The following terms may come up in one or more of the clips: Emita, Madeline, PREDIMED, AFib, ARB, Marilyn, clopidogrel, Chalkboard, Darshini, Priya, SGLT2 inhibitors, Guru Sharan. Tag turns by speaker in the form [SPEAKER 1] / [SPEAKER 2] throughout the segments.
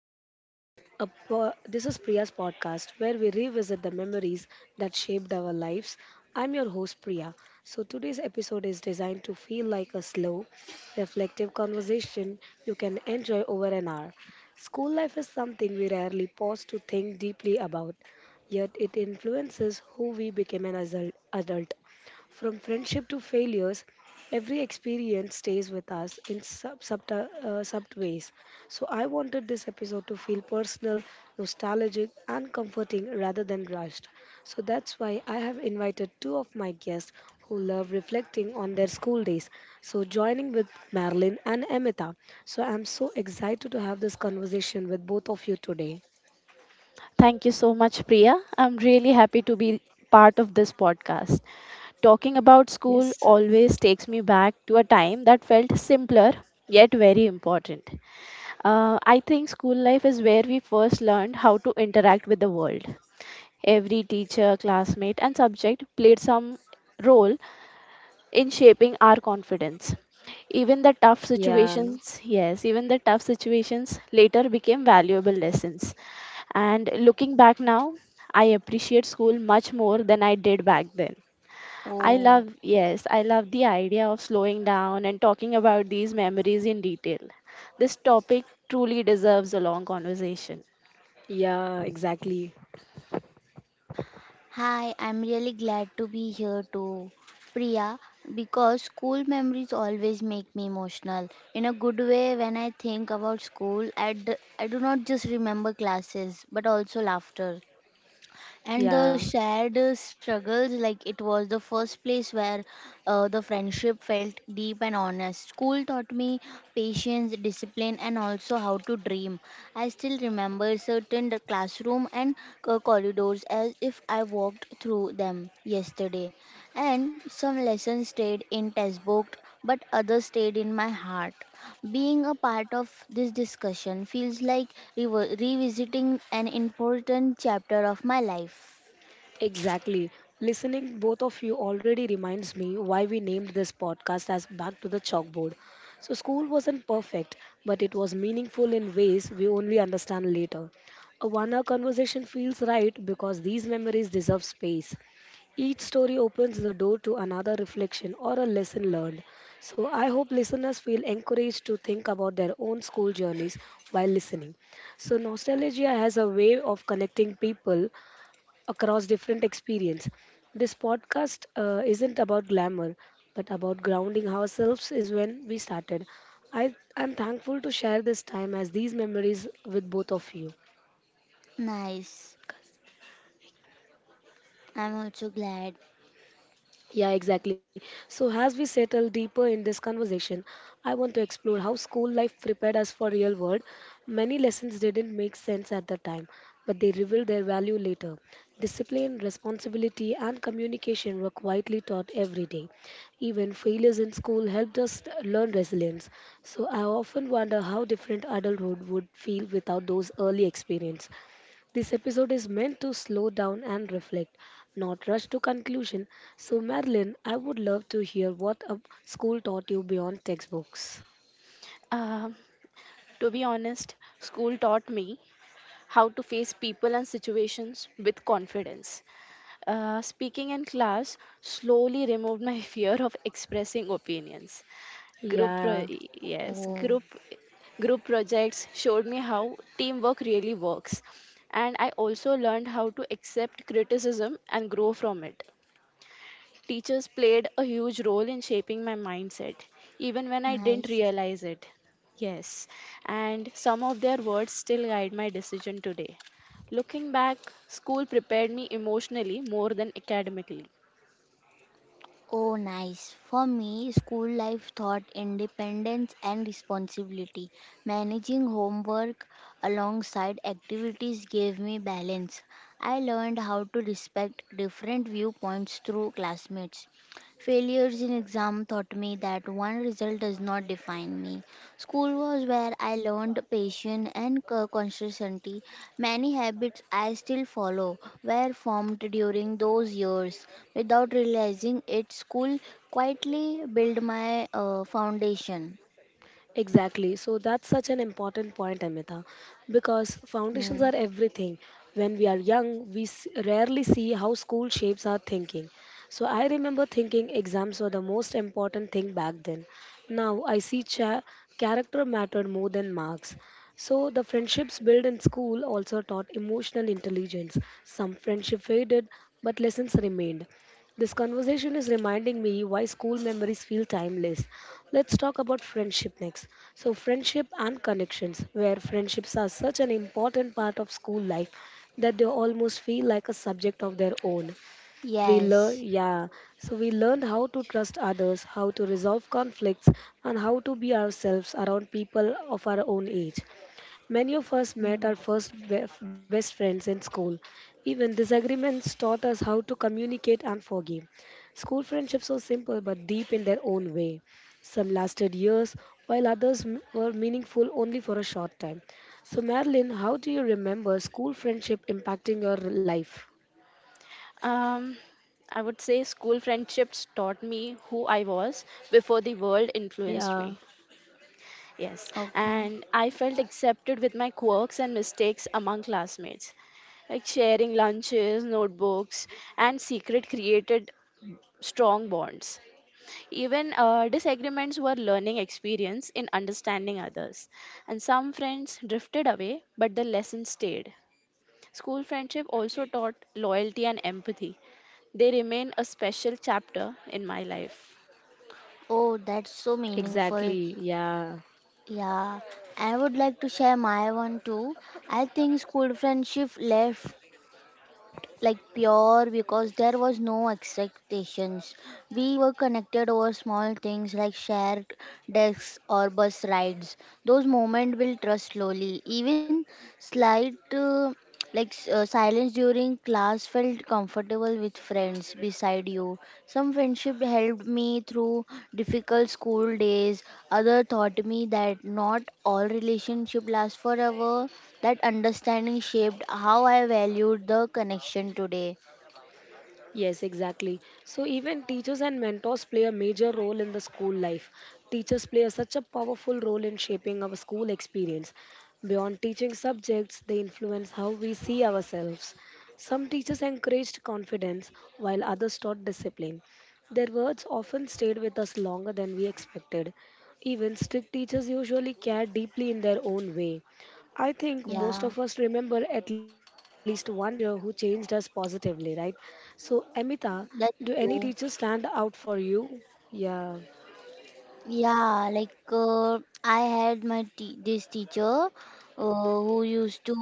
[SPEAKER 1] Chalkboard. This is Priya's podcast where we revisit the memories that shaped our lives. I'm your host, Priya. So, today's episode is designed to feel like a slow, reflective conversation you can enjoy over an hour. School life is something we rarely pause to think deeply about, yet it influences who we become an adult. From friendship to failures, every experience stays with us in sub ways. So, I wanted this episode to feel personal, nostalgic, and comforting rather than rushed. So, that's why I have invited two of my guests who love reflecting on their school days. So, joining with Marilyn and Emita. So, I'm so excited to have this conversation with both of you today.
[SPEAKER 2] Thank you so much, Priya. I'm really happy to be part of this podcast. Talking about
[SPEAKER 1] Yes.
[SPEAKER 2] school always takes me back to a time that felt simpler yet very important. I think school life is where we first learned how to interact with the world. Every teacher, classmate, and subject played some role in shaping our confidence. Even the tough
[SPEAKER 1] Yeah.
[SPEAKER 2] situations, yes, even the tough situations later became valuable lessons. And looking back now, I appreciate school much more than I did back then. I
[SPEAKER 3] Oh,
[SPEAKER 2] love, yes, I love the idea of slowing down and talking about these memories in detail. This topic truly deserves a long conversation.
[SPEAKER 1] Yeah, exactly.
[SPEAKER 3] hi, I'm really glad to be here too, Priya, because school memories always make me emotional. In a good way, when I think about school, I do not just remember classes, but also laughter, and
[SPEAKER 1] Yeah.
[SPEAKER 3] the shared struggles, like it was the first place where the friendship felt deep and honest. School taught me patience, discipline, and also how to dream. I still remember certain the classroom and corridors as if I walked through them yesterday, and some lessons stayed in textbook, but others stayed in my heart. Being a part of this discussion feels like revisiting an important chapter of my life.
[SPEAKER 1] Exactly. Listening, both of you already reminds me why we named this podcast as Back to the Chalkboard. So, school wasn't perfect, but it was meaningful in ways we only understand later. A 1-hour conversation feels right because these memories deserve space. Each story opens the door to another reflection or a lesson learned. So, I hope listeners feel encouraged to think about their own school journeys while listening. So, nostalgia has a way of connecting people across different experience. This podcast isn't about glamour, but about grounding ourselves is when we started. I am thankful to share this time as these memories with both of you.
[SPEAKER 3] Nice. I'm also glad.
[SPEAKER 1] Yeah, exactly. So, as we settle deeper in this conversation, I want to explore how school life prepared us for real world. Many lessons didn't make sense at the time, but they revealed their value later. Discipline, responsibility, and communication were quietly taught every day. Even failures in school helped us learn resilience. So, I often wonder how different adulthood would feel without those early experience. This episode is meant to slow down and reflect, not rush to conclusion. So, Madeline, I would love to hear what a school taught you beyond textbooks.
[SPEAKER 2] Um, to be honest, school taught me how to face people and situations with confidence. Speaking in class slowly removed my fear of expressing opinions. Group
[SPEAKER 1] Yeah.
[SPEAKER 2] pro- yes,
[SPEAKER 3] Oh,
[SPEAKER 2] group group projects showed me how teamwork really works, and I also learned how to accept criticism and grow from it. Teachers played a huge role in shaping my mindset even when I didn't
[SPEAKER 3] nice.
[SPEAKER 2] realize it. Yes, and some of their words still guide my decision today. Looking back, school prepared me emotionally more than academically.
[SPEAKER 3] Oh, nice. For me, school life taught independence and responsibility. Managing homework alongside activities gave me balance. I learned how to respect different viewpoints through classmates. Failures in exam taught me that one result does not define me. School was where I learned patience and consistency. Many habits I still follow were formed during those years. Without realizing it, school quietly built my foundation.
[SPEAKER 1] Exactly. So that's such an important point, Amita, because foundations
[SPEAKER 3] Mm.
[SPEAKER 1] are everything. When we are young, we rarely see how school shapes our thinking. So I remember thinking exams were the most important thing back then. Now I see character mattered more than marks. So the friendships built in school also taught emotional intelligence. Some friendship faded, but lessons remained. This conversation is reminding me why school memories feel timeless. Let's talk about friendship next. So, friendship and connections, where friendships are such an important part of school life that they almost feel like a subject of their own.
[SPEAKER 3] Yes.
[SPEAKER 1] Yeah. So we learned how to trust others, how to resolve conflicts, and how to be ourselves around people of our own age. Many of us met
[SPEAKER 3] Mm.
[SPEAKER 1] our first best friends in school. Even disagreements taught us how to communicate and forgive. School friendships were simple but deep in their own way. Some lasted years, while others were meaningful only for a short time. So, Marilyn, how do you remember school friendship impacting your life?
[SPEAKER 2] Um, I would say school friendships taught me who I was before the world influenced
[SPEAKER 1] Yeah,
[SPEAKER 2] me. Yes,
[SPEAKER 3] Okay.
[SPEAKER 2] and I felt accepted with my quirks and mistakes among classmates. Like sharing lunches, notebooks, and secret created strong bonds. Even disagreements were learning experience in understanding others. And some friends drifted away, but the lesson stayed. School friendship also taught loyalty and empathy. They remain a special chapter in my life.
[SPEAKER 3] Oh, that's so meaningful.
[SPEAKER 1] exactly. Yeah.
[SPEAKER 3] Yeah, I would like to share my one too. I think school friendship left like pure because there was no expectations. We were connected over small things like shared desks or bus rides. Those moments build trust slowly. Even slight like silence during class felt comfortable with friends beside you. Some friendship helped me through difficult school days. Other taught me that not all relationship lasts forever. That understanding shaped how I valued the connection today.
[SPEAKER 1] Yes, exactly. So even teachers and mentors play a major role in the school life. Teachers play a, such a powerful role in shaping our school experience. Beyond teaching subjects, they influence how we see ourselves. Some teachers encouraged confidence, while others taught discipline. Their words often stayed with us longer than we expected. Even strict teachers usually care deeply in their own way. I think most
[SPEAKER 3] Yeah,
[SPEAKER 1] of us remember at least one teacher who changed us positively, right? So, Amita, do
[SPEAKER 3] that's
[SPEAKER 1] any
[SPEAKER 3] true.
[SPEAKER 1] teachers stand out for you? Yeah,
[SPEAKER 3] Yeah, like I had my t this teacher who used to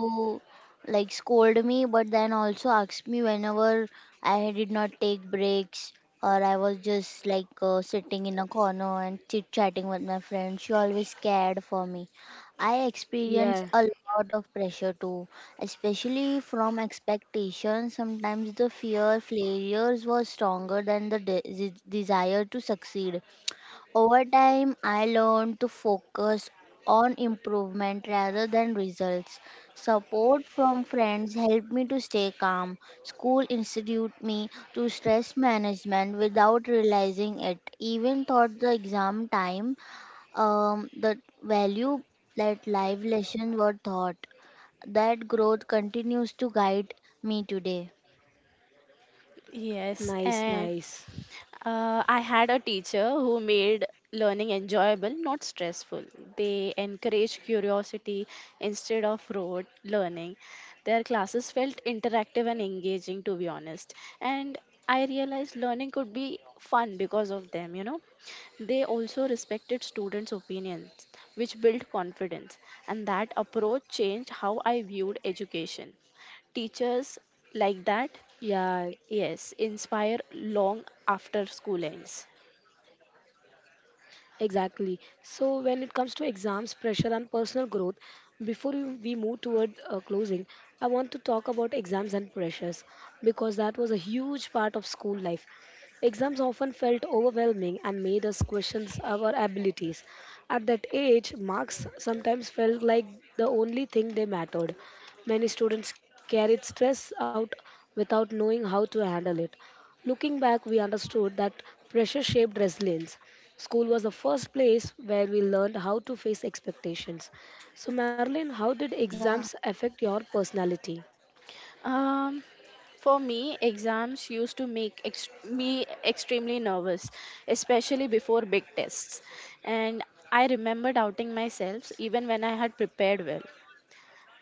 [SPEAKER 3] like scold me, but then also asked me whenever I did not take breaks or I was just like sitting in a corner and chit-chatting with my friends. She always cared for me. I experienced
[SPEAKER 1] yeah,
[SPEAKER 3] a lot of pressure too, especially from expectations. Sometimes the fear failures was stronger than the desire to succeed. Over time, I learned to focus on improvement rather than results. Support from friends helped me to stay calm. School institute me to stress management without realizing it. Even thought the exam time, the value that life lessons were taught. That growth continues to guide me today.
[SPEAKER 2] Yes,
[SPEAKER 1] nice,
[SPEAKER 2] and
[SPEAKER 1] nice.
[SPEAKER 2] I had a teacher who made learning enjoyable, not stressful. They encouraged curiosity instead of rote learning. Their classes felt interactive and engaging, to be honest. And I realized learning could be fun because of them, you know. They also respected students' opinions, which built confidence, and that approach changed how I viewed education. Teachers
[SPEAKER 1] Yeah.
[SPEAKER 2] like that, yes, inspire long after school ends.
[SPEAKER 1] Exactly. So, when it comes to exams, pressure, and personal growth, before we move toward closing, I want to talk about exams and pressures because that was a huge part of school life. Exams often felt overwhelming and made us question our abilities. At that age, marks sometimes felt like the only thing they mattered. Many students carried stress out without knowing how to handle it. Looking back, we understood that pressure shaped resilience. School was the first place where we learned how to face expectations. So, Marilyn, how did
[SPEAKER 3] Yeah.
[SPEAKER 1] exams affect your personality?
[SPEAKER 2] Um, for me, exams used to make me extremely nervous, especially before big tests. And I remember doubting myself even when I had prepared well.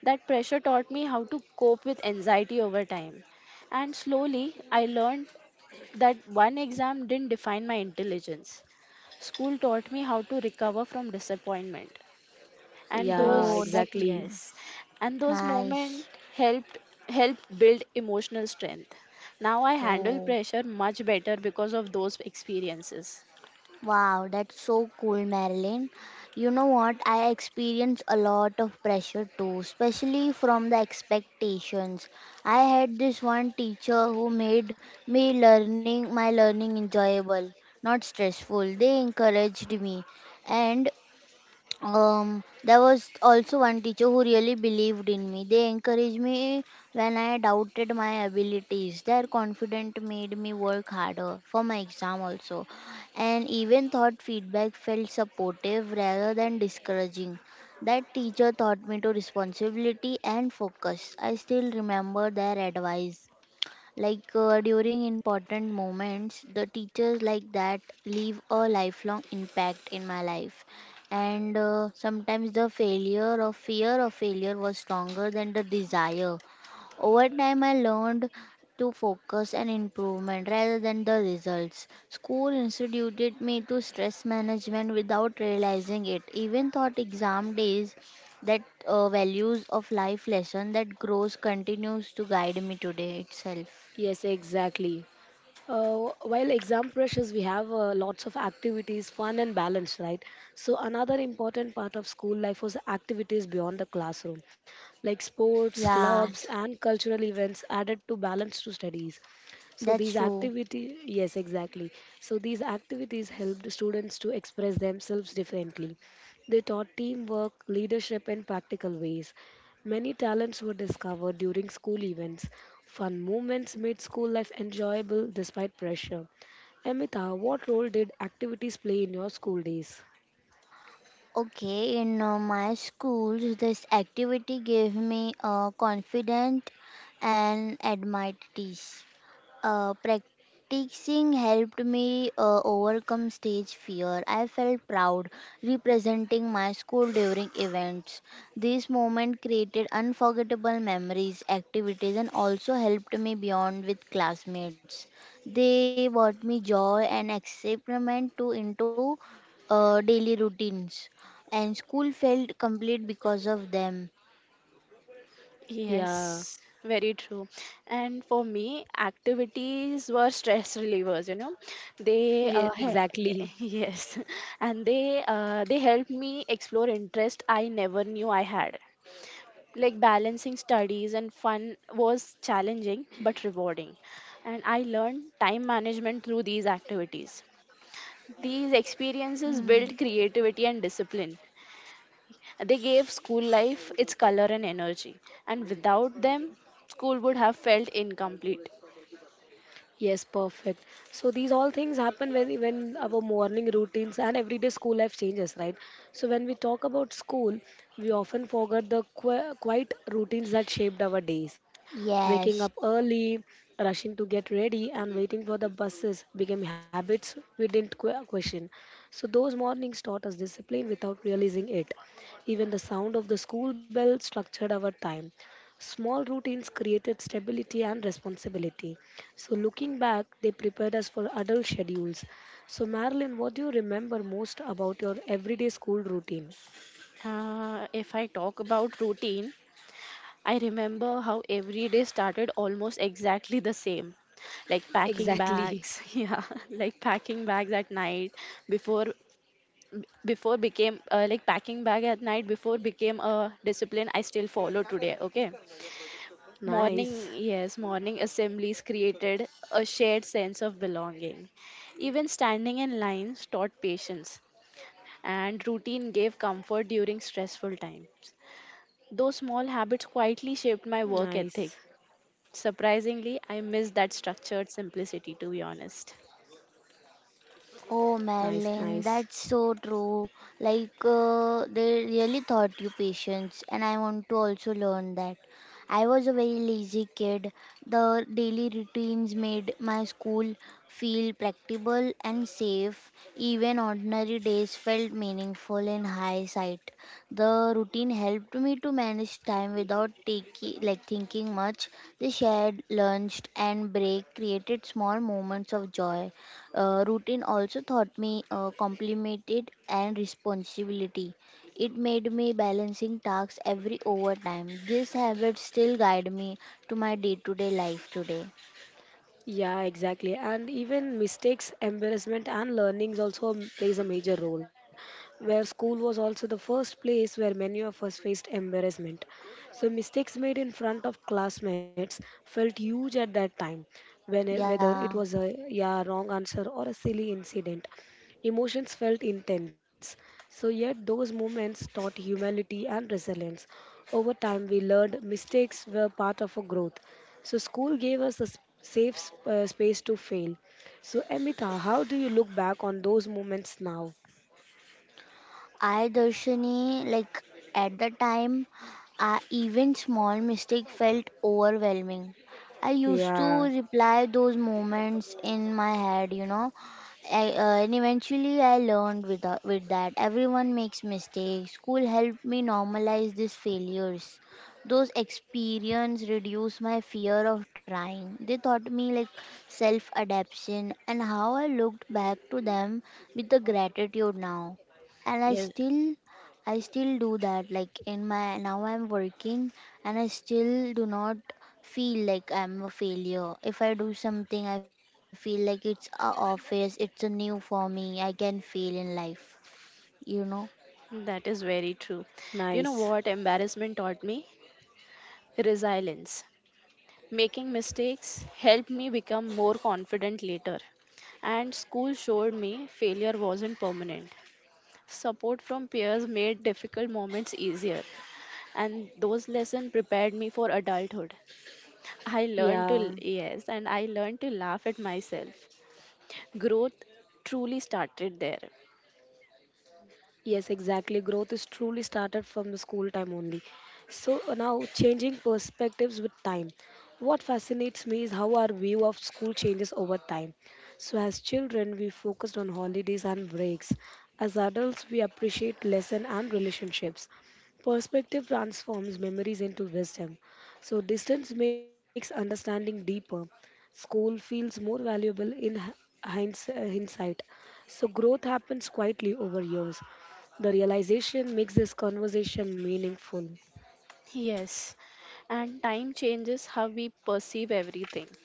[SPEAKER 2] That pressure taught me how to cope with anxiety over time. And slowly, I learned that one exam didn't define my intelligence. School taught me how to recover from disappointment. and
[SPEAKER 1] Yeah,
[SPEAKER 3] Oh,
[SPEAKER 2] those
[SPEAKER 3] that's
[SPEAKER 1] exactly.
[SPEAKER 2] yes and those
[SPEAKER 3] nice.
[SPEAKER 2] moments helped help build emotional strength. Now I handle
[SPEAKER 3] Oh.
[SPEAKER 2] pressure much better because of those experiences.
[SPEAKER 3] Wow, that's so cool, Marilyn. You know what? I experience a lot of pressure too, especially from the expectations. I had this one teacher who made me learning my learning enjoyable, not stressful. They encouraged me, and there was also one teacher who really believed in me. They encouraged me when I doubted my abilities. Their confidence made me work harder for my exam also, and even thought feedback felt supportive rather than discouraging. That teacher taught me to responsibility and focus. I still remember their advice like during important moments, the teachers like that leave a lifelong impact in my life. And sometimes the failure or fear of failure was stronger than the desire. Over time, I learned to focus and improvement rather than the results. School instituted me to stress management without realizing it. Even thought exam days, that values of life lesson that grows continues to guide me today itself.
[SPEAKER 1] Yes, exactly. While exam pressures, we have lots of activities, fun and balance, right? So another important part of school life was activities beyond the classroom, like sports,
[SPEAKER 3] Yeah,
[SPEAKER 1] clubs, and cultural events added to balance to studies. So these
[SPEAKER 3] that's true.
[SPEAKER 1] activity, yes, exactly. So these activities helped students to express themselves differently. They taught teamwork, leadership, and practical ways. Many talents were discovered during school events. Fun moments made school life enjoyable despite pressure. Amita, what role did activities play in your school days?
[SPEAKER 3] Okay, in my schools, this activity gave me confident and admired teach. Practicing helped me overcome stage fear. I felt proud representing my school during events. This moment created unforgettable memories, activities, and also helped me beyond with classmates. They brought me joy and excitement to into daily routines, and school felt complete because of them.
[SPEAKER 1] Yeah,
[SPEAKER 2] Yes, very true. And for me, activities were stress relievers. They
[SPEAKER 1] yeah,
[SPEAKER 2] uh, he-
[SPEAKER 1] exactly.
[SPEAKER 2] yes, and they helped me explore interest I never knew I had. Like balancing studies and fun was challenging but rewarding, and I learned time management through these activities. These experiences built
[SPEAKER 3] Hmm.
[SPEAKER 2] creativity and discipline. They gave school life its color and energy, and without them school would have felt incomplete.
[SPEAKER 1] Yes, perfect. So these all things happen when our morning routines and everyday school life changes, right? So when we talk about school, we often forget the quiet routines that shaped our days. Waking up
[SPEAKER 3] Yes.
[SPEAKER 1] early, rushing to get ready, and waiting for the buses became habits we didn't question. So those mornings taught us discipline without realizing it. Even the sound of the school bell structured our time. Small routines created stability and responsibility. So looking back, they prepared us for adult schedules. So Marilyn, what do you remember most about your everyday school routine?
[SPEAKER 2] If I talk about routine, I remember how every day started almost exactly the same, like packing
[SPEAKER 1] Exactly.
[SPEAKER 2] bags. Yeah, like packing bags at night before before became like packing bag at night before became a discipline I still follow today. Okay. Morning,
[SPEAKER 1] Nice.
[SPEAKER 2] yes, morning assemblies created a shared sense of belonging. Even standing in lines taught patience, and routine gave comfort during stressful times. Those small habits quietly shaped
[SPEAKER 1] Nice.
[SPEAKER 2] my work ethic. Surprisingly, I miss that structured simplicity, to be honest.
[SPEAKER 1] Nice,
[SPEAKER 3] Oh,
[SPEAKER 1] nice.
[SPEAKER 3] Madeline, that's so true. Like, they really taught you patience, and I want to also learn that. I was a very lazy kid. The daily routines made my school feel practicable and safe. Even ordinary days felt meaningful in hindsight. The routine helped me to manage time without taking, like, thinking much. The shared lunch and break created small moments of joy. Routine also taught me complemented and responsibility. It made me balancing tasks every overtime. This habit still guide me to my day-to-day life today.
[SPEAKER 1] Yeah, exactly. And even mistakes, embarrassment, and learnings also plays a major role. Where school was also the first place where many of us faced embarrassment. So mistakes made in front of classmates felt huge at that time. When whether it
[SPEAKER 3] Yeah.
[SPEAKER 1] was a yeah wrong answer or a silly incident, emotions felt intense. So yet those moments taught humility and resilience. Over time, we learned mistakes were part of a growth, so school gave us a space to fail. So Amita, how do you look back on those moments now?
[SPEAKER 3] I, Darshini, like at the time, I, even small mistake felt overwhelming. I used to
[SPEAKER 1] Yeah,
[SPEAKER 3] reply those moments in my head, you know. And eventually, I learned with, with that. Everyone makes mistakes. School helped me normalize these failures. Those experience reduced my fear of trying. They taught me like self adaptation, and how I looked back to them with the gratitude now. And i
[SPEAKER 2] Yes,
[SPEAKER 3] still i still do that, like in my now I'm working, and I still do not feel like I'm a failure. If I do something, I feel like it's a office, it's a new for me. I can fail in life, you know.
[SPEAKER 2] that is very true.
[SPEAKER 1] nice.
[SPEAKER 2] You know what embarrassment taught me? Resilience. Making mistakes helped me become more confident later, and school showed me failure wasn't permanent. Support from peers made difficult moments easier, and those lessons prepared me for adulthood. I learned to,
[SPEAKER 1] Yeah.
[SPEAKER 2] yes, and I learned to laugh at myself. Growth truly started there.
[SPEAKER 1] Yes, exactly. Growth is truly started from the school time only. So now, changing perspectives with time. What fascinates me is how our view of school changes over time. So, as children, we focused on holidays and breaks. As adults, we appreciate lesson and relationships. Perspective transforms memories into wisdom. So, distance makes understanding deeper. School feels more valuable in hi- hindsight. So growth happens quietly over years. The realization makes this conversation meaningful.
[SPEAKER 2] Yes, and time changes how we perceive everything.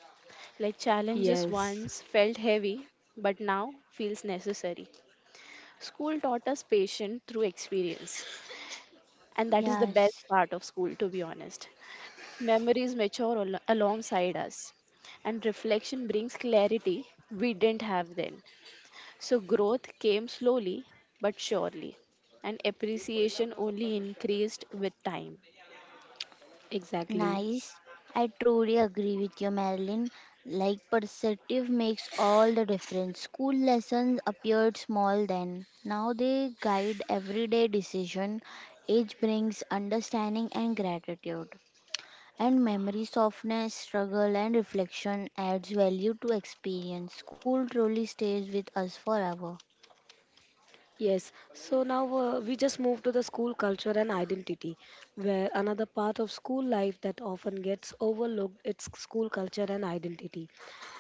[SPEAKER 2] Like challenges
[SPEAKER 1] Yes,
[SPEAKER 2] once felt heavy, but now feels necessary. School taught us patience through experience, and that is the best
[SPEAKER 3] Yes.
[SPEAKER 2] part of school, to be honest. Memories mature alongside us, and reflection brings clarity we didn't have then. So, growth came slowly but surely, and appreciation only increased with time.
[SPEAKER 1] exactly.
[SPEAKER 3] Nice. I truly agree with you, Marilyn. Like, perspective makes all the difference. School lessons appeared small then. Now they guide everyday decision. Age brings understanding and gratitude. And memory softness, struggle, and reflection adds value to experience. School truly stays with us forever.
[SPEAKER 1] Yes, so now we just move to the school culture and identity, where another part of school life that often gets overlooked is school culture and identity.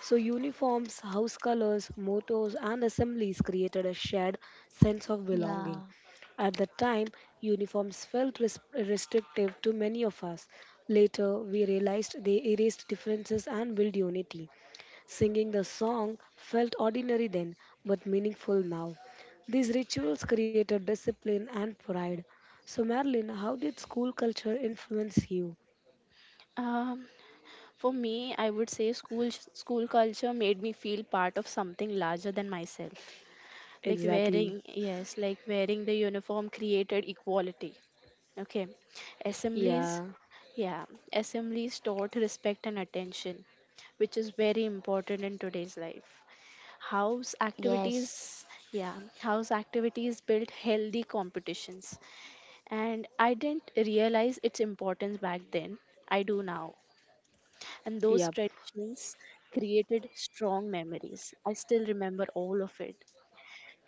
[SPEAKER 1] So uniforms, house colors, mottos and assemblies created a shared sense of belonging.
[SPEAKER 3] Yeah.
[SPEAKER 1] At the time, uniforms felt restrictive to many of us. Later, we realized they erased differences and built unity. Singing the song felt ordinary then, but meaningful now. These rituals created discipline and pride. So, Marilyn, how did school culture influence you?
[SPEAKER 2] Um, for me, I would say school culture made me feel part of something larger than myself. Like
[SPEAKER 1] Exactly.
[SPEAKER 2] wearing, yes, like wearing the uniform created equality. Okay. Assemblies,
[SPEAKER 1] Yeah.
[SPEAKER 2] yeah, assemblies taught respect and attention, which is very important in today's life. House
[SPEAKER 3] Yes.
[SPEAKER 2] activities, yeah, house activities built healthy competitions. And I didn't realize its importance back then. I do now. And
[SPEAKER 1] Yep.
[SPEAKER 2] those traditions created strong memories. I still remember all of it.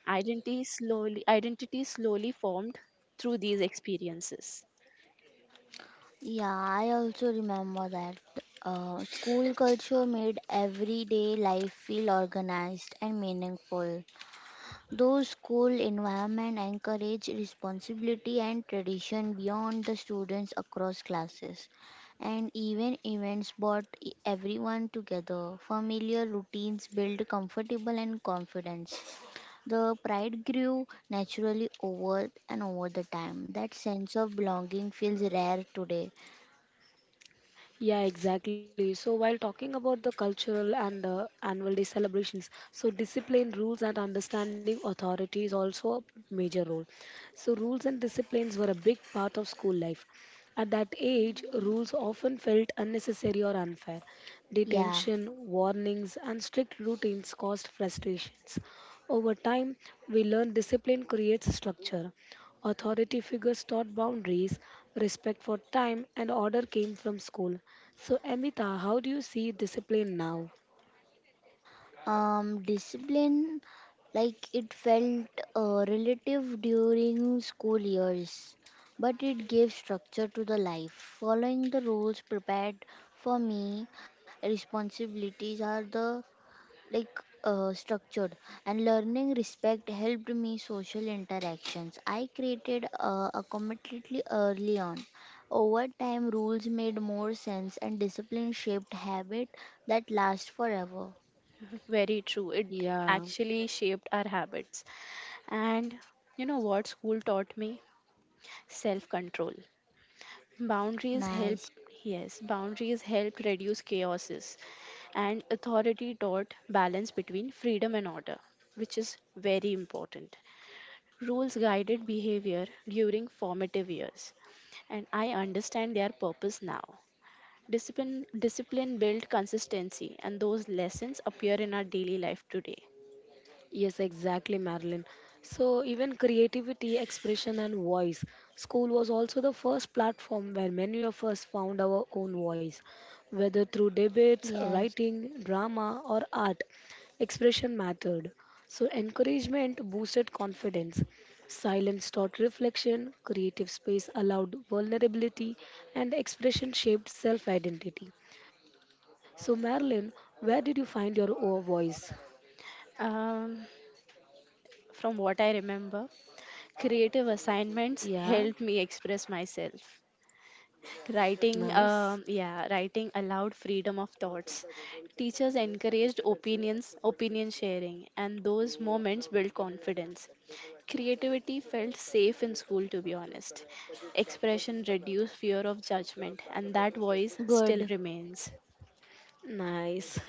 [SPEAKER 2] Identity slowly formed through these experiences.
[SPEAKER 3] Yeah, I also remember that school culture made everyday life feel organized and meaningful. Those school environment encourage responsibility and tradition beyond the students across classes, and even events brought everyone together. Familiar routines build comfortable and confidence. The pride grew naturally over and over the time. That sense of belonging feels rare today.
[SPEAKER 1] Yeah, exactly. So while talking about the cultural and the annual day celebrations, so discipline, rules, and understanding authority is also a major role. So rules and disciplines were a big part of school life. At that age, rules often felt unnecessary or unfair.
[SPEAKER 3] Yeah.
[SPEAKER 1] Detention, warnings, and strict routines caused frustrations. Over time, we learn discipline creates structure. Authority figures taught boundaries, respect for time, and order came from school. So, Amita, how do you see discipline now?
[SPEAKER 3] Discipline, like it felt relative during school years, but it gave structure to the life. Following the rules prepared for me responsibilities, are the like structured, and learning respect helped me social interactions. I created accommodately early on. Over time rules made more sense, and discipline shaped habit that lasts forever.
[SPEAKER 2] Very true. It
[SPEAKER 1] Yeah.
[SPEAKER 2] actually shaped our habits. And you know what school taught me? Self control. Boundaries
[SPEAKER 3] Nice.
[SPEAKER 2] helped, yes, boundaries helped reduce chaoses. And authority taught balance between freedom and order, which is very important. Rules guided behavior during formative years. And I understand their purpose now. Discipline built consistency, and those lessons appear in our daily life today.
[SPEAKER 1] Yes, exactly, Marilyn. So, even creativity, expression, and voice. School was also the first platform where many of us found our own voice, whether through debates,
[SPEAKER 3] Yes,
[SPEAKER 1] writing, drama, or art. Expression mattered. So, encouragement boosted confidence. Silence taught reflection, creative space allowed vulnerability, and expression shaped self identity. So, Marilyn, where did you find your own voice?
[SPEAKER 2] Um, From what I remember, creative assignments
[SPEAKER 1] Yeah,
[SPEAKER 2] helped me express myself. Writing,
[SPEAKER 1] nice.
[SPEAKER 2] um, yeah, writing allowed freedom of thoughts. Teachers encouraged opinions, opinion sharing, and those moments built confidence. Creativity felt safe in school, to be honest. Expression reduced fear of judgment, and that voice still
[SPEAKER 3] good.
[SPEAKER 2] remains.
[SPEAKER 1] Nice.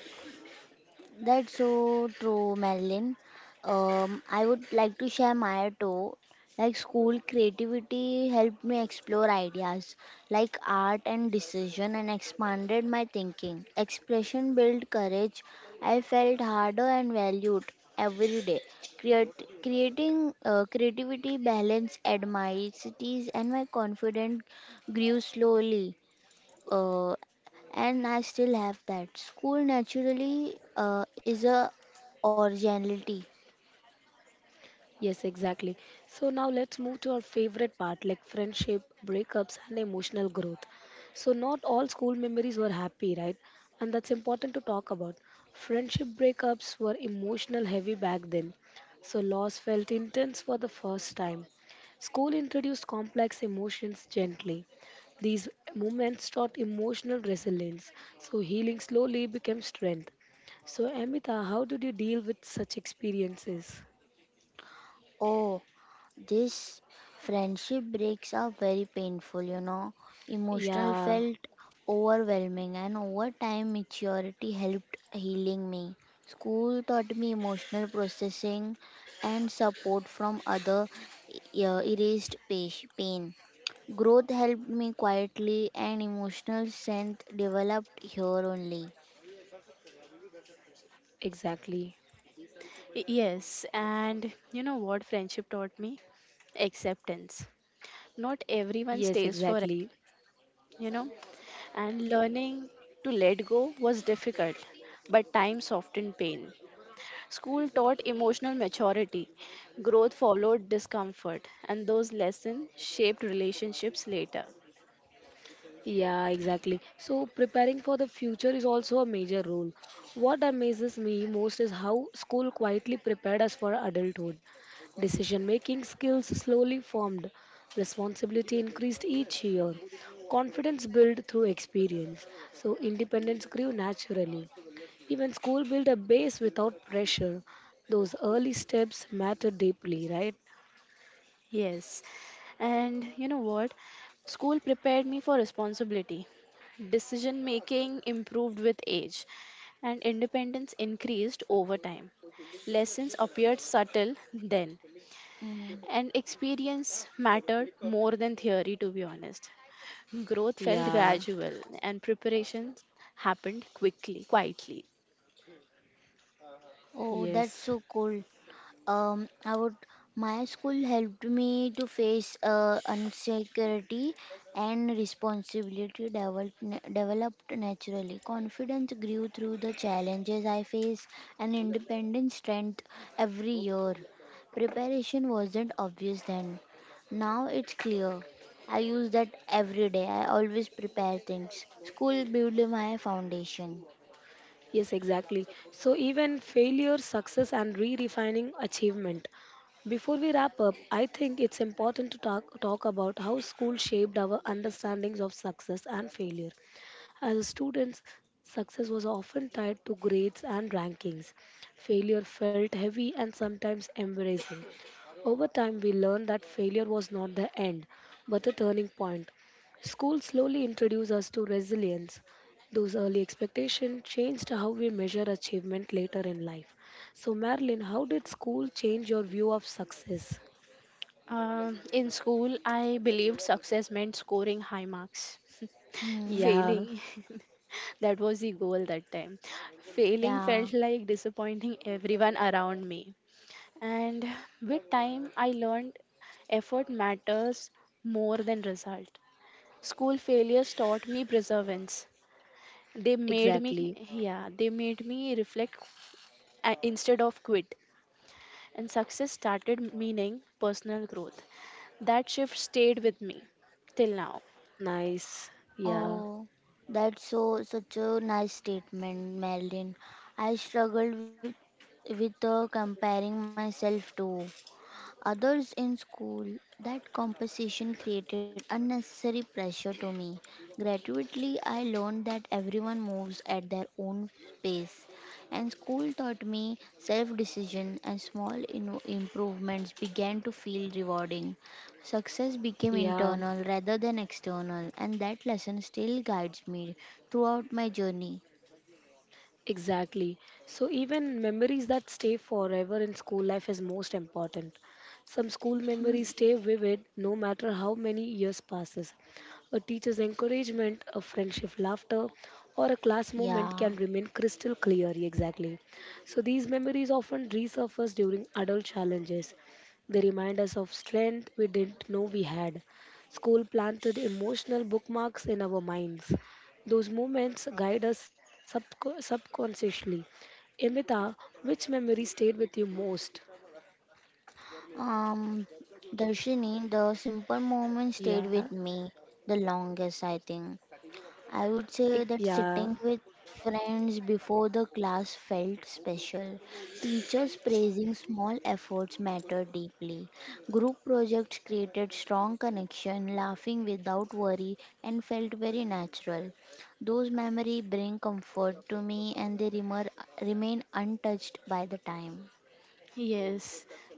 [SPEAKER 3] That's so true, Madeline. I would like to share my too. Like school creativity helped me explore ideas like art and decision, and expanded my thinking. Expression built courage. I felt harder and valued every day. Creating, creativity balance adversities, and my confidence grew slowly. uh, and I still have that. School naturally is a originality.
[SPEAKER 1] Yes, exactly. So now let's move to our favorite part like friendship, breakups, and emotional growth. So, not all school memories were happy, right? And that's important to talk about. Friendship breakups were emotional heavy back then. So, loss felt intense for the first time. School introduced complex emotions gently. These moments taught emotional resilience. So, healing slowly became strength. So, Amita, how did you deal with such experiences?
[SPEAKER 3] Oh, this friendship breaks are very painful, you know. Emotional
[SPEAKER 1] Yeah,
[SPEAKER 3] felt overwhelming, and over time, maturity helped healing me. School taught me emotional processing and support from other erased pain. Growth helped me quietly, and emotional strength developed here only.
[SPEAKER 1] exactly.
[SPEAKER 2] Yes, and you know what friendship taught me? Acceptance. Not everyone
[SPEAKER 1] Yes,
[SPEAKER 2] stays forever
[SPEAKER 1] exactly.
[SPEAKER 2] you know, and learning to let go was difficult, but time softened pain. School taught emotional maturity, growth followed discomfort, and those lessons shaped relationships later.
[SPEAKER 1] Yeah, exactly. So, preparing for the future is also a major role. What amazes me most is how school quietly prepared us for adulthood. Decision making skills slowly formed, responsibility increased each year, confidence built through experience, so independence grew naturally. Even school built a base without pressure. Those early steps matter deeply, right?
[SPEAKER 2] Yes, and you know what? School prepared me for responsibility. Decision making improved with age, and independence increased over time. Lessons appeared subtle then,
[SPEAKER 3] Mm.
[SPEAKER 2] and experience mattered more than theory, to be honest. Growth felt
[SPEAKER 1] Yeah.
[SPEAKER 2] gradual, and preparations happened quickly, quietly.
[SPEAKER 3] Oh, that's
[SPEAKER 1] Yes,
[SPEAKER 3] so cool. I would, my school helped me to face insecurity, and responsibility developed naturally. Confidence grew through the challenges I faced, and independent strength every year. Preparation wasn't obvious then. Now it's clear. I use that every day. I always prepare things. School built my foundation.
[SPEAKER 1] yes, exactly. So, even failure, success, and re refining achievement. Before we wrap up, I think it's important to talk about how school shaped our understandings of success and failure. As a student, success was often tied to grades and rankings. Failure felt heavy and sometimes embarrassing. Over time, we learned that failure was not the end, but a turning point. School slowly introduced us to resilience. Those early expectations changed how we measure achievement later in life. So, Marilyn, how did school change your view of success?
[SPEAKER 2] In school, I believed success meant scoring high marks.
[SPEAKER 3] Hmm.
[SPEAKER 1] Yeah,
[SPEAKER 2] Failing, that was the goal that time. Failing
[SPEAKER 3] Yeah.
[SPEAKER 2] felt like disappointing everyone around me. And with time, I learned effort matters more than result. School failures taught me perseverance. They made me
[SPEAKER 1] exactly.
[SPEAKER 2] Yeah, they made me reflect instead of quit, and success started meaning personal growth. That shift stayed with me till now.
[SPEAKER 1] Nice. Yeah,
[SPEAKER 3] Oh, that's so such a nice statement, Marilyn. I struggled with comparing myself too others in school. That competition created unnecessary pressure to me. Gradually, I learned that everyone moves at their own pace, and school taught me self decision, and small improvements began to feel rewarding. Success became
[SPEAKER 1] yeah.
[SPEAKER 3] internal rather than external, and that lesson still guides me throughout my journey.
[SPEAKER 1] Exactly. So even memories that stay forever in school life is most important. Some school memories stay vivid no matter how many years passes. A teacher's encouragement, a friendship laughter, or a class moment
[SPEAKER 3] Yeah.
[SPEAKER 1] can remain crystal clear exactly. So these memories often resurface during adult challenges. They remind us of strength we didn't know we had. School planted emotional bookmarks in our minds. Those moments guide us subconsciously. Amita, which memory stayed with you most?
[SPEAKER 3] Um, Darshini, the simple moment
[SPEAKER 1] Yeah,
[SPEAKER 3] stayed with me the longest, I think. I would say that
[SPEAKER 1] yeah.
[SPEAKER 3] sitting with friends before the class felt special. Teachers praising small efforts mattered deeply. Group projects created strong connection, laughing without worry, and felt very natural. Those memories bring comfort to me, and they remain untouched by the time.
[SPEAKER 2] Yes,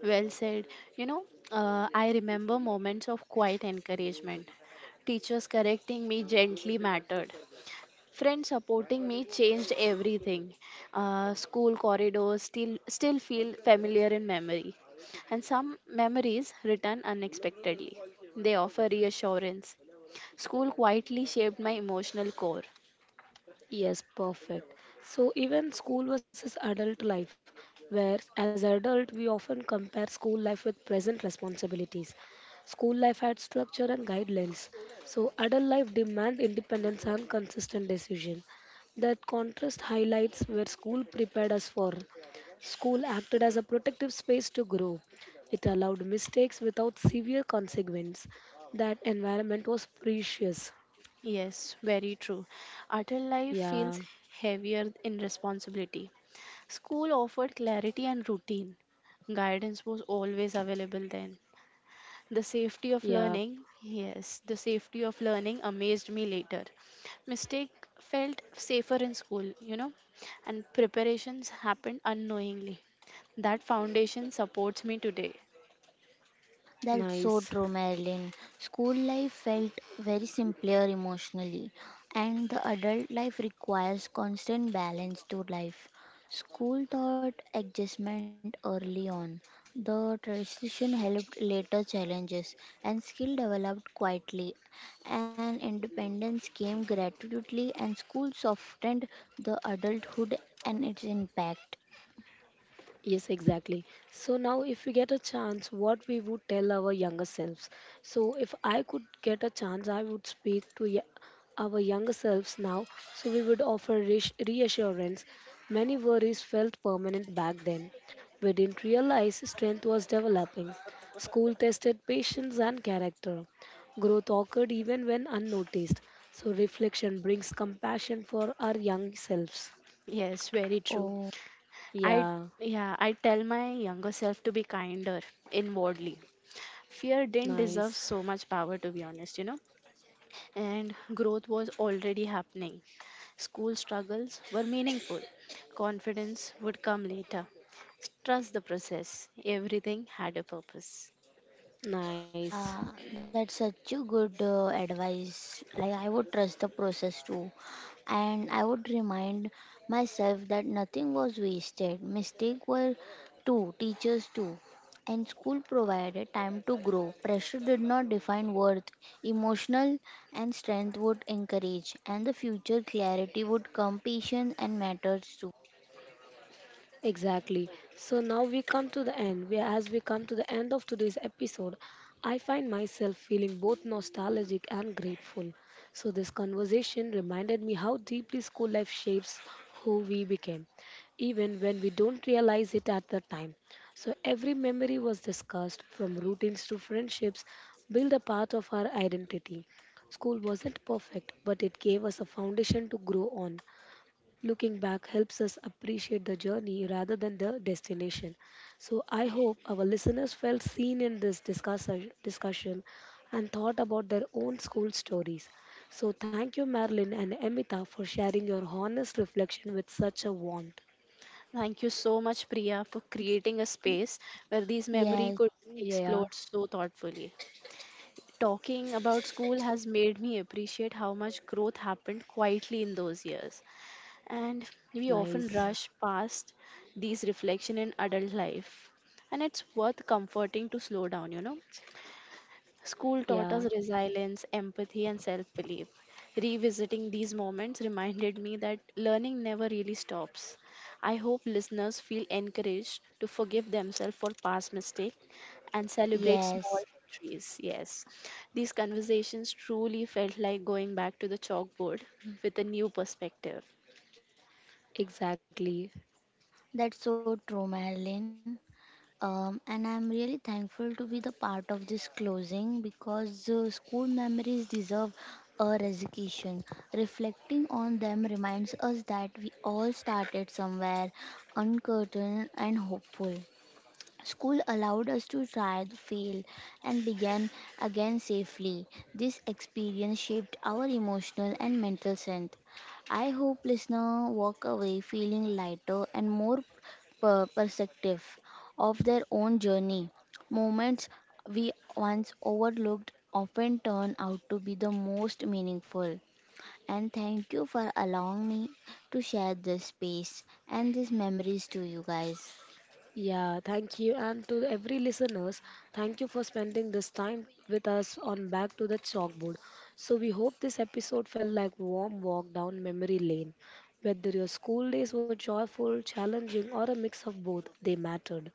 [SPEAKER 2] well said. you know I remember moments of quiet encouragement. Teachers correcting me gently mattered. Friends supporting me changed everything. School corridors still feel familiar in memory, and some memories return unexpectedly. They offer reassurance. School quietly shaped my emotional core.
[SPEAKER 1] Yes, perfect. So even school versus adult life, where as adult we often compare school life with present responsibilities. School life had structure and guidelines. So adult life demands independence and consistent decision. That contrast highlights where school prepared us for. School acted as a protective space to grow. It allowed mistakes without severe consequence. That environment was precious.
[SPEAKER 2] Yes, very true. Adult life feels
[SPEAKER 1] Yeah,
[SPEAKER 2] heavier in responsibility. School offered clarity and routine. Guidance was always available then. The safety of
[SPEAKER 1] yeah,
[SPEAKER 2] learning, yes, the safety of learning amazed me later. Mistake felt safer in school, and preparations happened unknowingly. That foundation supports me today.
[SPEAKER 3] That's so
[SPEAKER 1] nice.
[SPEAKER 3] true, Marilyn. School life felt very simpler emotionally, and the adult life requires constant balance to life. School taught adjustment early on. The transition helped later challenges, and skill developed quietly. And independence came gratuitously, and school softened the adulthood and its impact.
[SPEAKER 1] Yes, exactly. So now, if we get a chance, what we would tell our younger selves. So, if I could get a chance, I would speak to our younger selves now. So, we would offer reassurance. Many worries felt permanent back then. We didn't realize strength was developing. School tested patience and character. Growth occurred even when unnoticed. So, reflection brings compassion for our young selves.
[SPEAKER 2] Yes, very true.
[SPEAKER 3] Oh.
[SPEAKER 2] I
[SPEAKER 1] Yeah,
[SPEAKER 2] yeah, I tell my younger self to be kinder inwardly. Fear didn't deserve
[SPEAKER 1] nice,
[SPEAKER 2] so much power to be honest. And growth was already happening. School struggles were meaningful. Confidence would come later. Trust the process. Everything had a purpose.
[SPEAKER 1] nice.
[SPEAKER 3] Yeah, that's such a good advice. Like, I would trust the process too. And I would remind myself that nothing was wasted. Mistakes were too, teachers too. And school provided time to grow. Pressure did not define worth. Emotional and strength would encourage. And the future clarity would come, patience and matters too.
[SPEAKER 1] Exactly. So now we come to the end. As we come to the end of today's episode, I find myself feeling both nostalgic and grateful. So this conversation reminded me how deeply school life shapes who we became, even when we don't realize it at the time. So every memory was discussed, from routines to friendships, build a part of our identity. School wasn't perfect, but it gave us a foundation to grow on. Looking back helps us appreciate the journey rather than the destination. So, I hope our listeners felt seen in this discussion and thought about their own school stories. So, thank you, Marilyn and Emita, for sharing your honest reflection with such a warmth.
[SPEAKER 2] Thank you so much, Priya, for creating a space where these memory
[SPEAKER 3] Yes,
[SPEAKER 2] could be explored
[SPEAKER 1] Yeah,
[SPEAKER 2] so thoughtfully. Talking about school has made me appreciate how much growth happened quietly in those years. And we often
[SPEAKER 1] nice.
[SPEAKER 2] rush past these reflection in adult life, and it's worth comforting to slow down. School taught us
[SPEAKER 1] Yeah,
[SPEAKER 2] resilience, empathy, and self belief. Revisiting these moments reminded me that learning never really stops. I hope listeners feel encouraged to forgive themselves for past mistakes and celebrate small
[SPEAKER 3] yes.
[SPEAKER 2] victories. Yes, these conversations truly felt like going back to the chalkboard with a new perspective.
[SPEAKER 1] exactly.
[SPEAKER 3] That's so true, Marilyn. And I'm really thankful to be the part of this closing, because school memories deserve a resignation. Reflecting on them reminds us that we all started somewhere uncertain and hopeful. School allowed us to try, to fail, and begin again safely. This experience shaped our emotional and mental strength. I hope listener walk away feeling lighter and more perceptive of their own journey. Moments we once overlooked often turn out to be the most meaningful. And thank you for allowing me to share this space and these memories to you guys.
[SPEAKER 1] Yeah, thank you. And to every listeners, thank you for spending this time with us on Back to the Chalkboard. So we hope this episode felt like warm walk down memory lane. Whether your school days were joyful, challenging, or a mix of both, they mattered.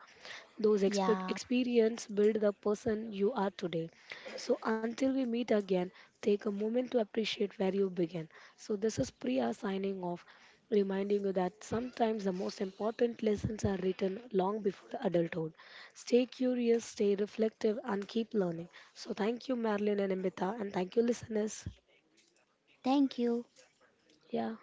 [SPEAKER 1] Those
[SPEAKER 3] Yeah,
[SPEAKER 1] experience build the person you are today. So until we meet again, take a moment to appreciate where you begin. So this is Priya signing off, reminding you that sometimes the most important lessons are written long before adulthood. Stay curious, stay reflective, and keep learning. So thank you, Marilyn and Amita, and thank you, listeners.
[SPEAKER 3] thank you.
[SPEAKER 1] Yeah.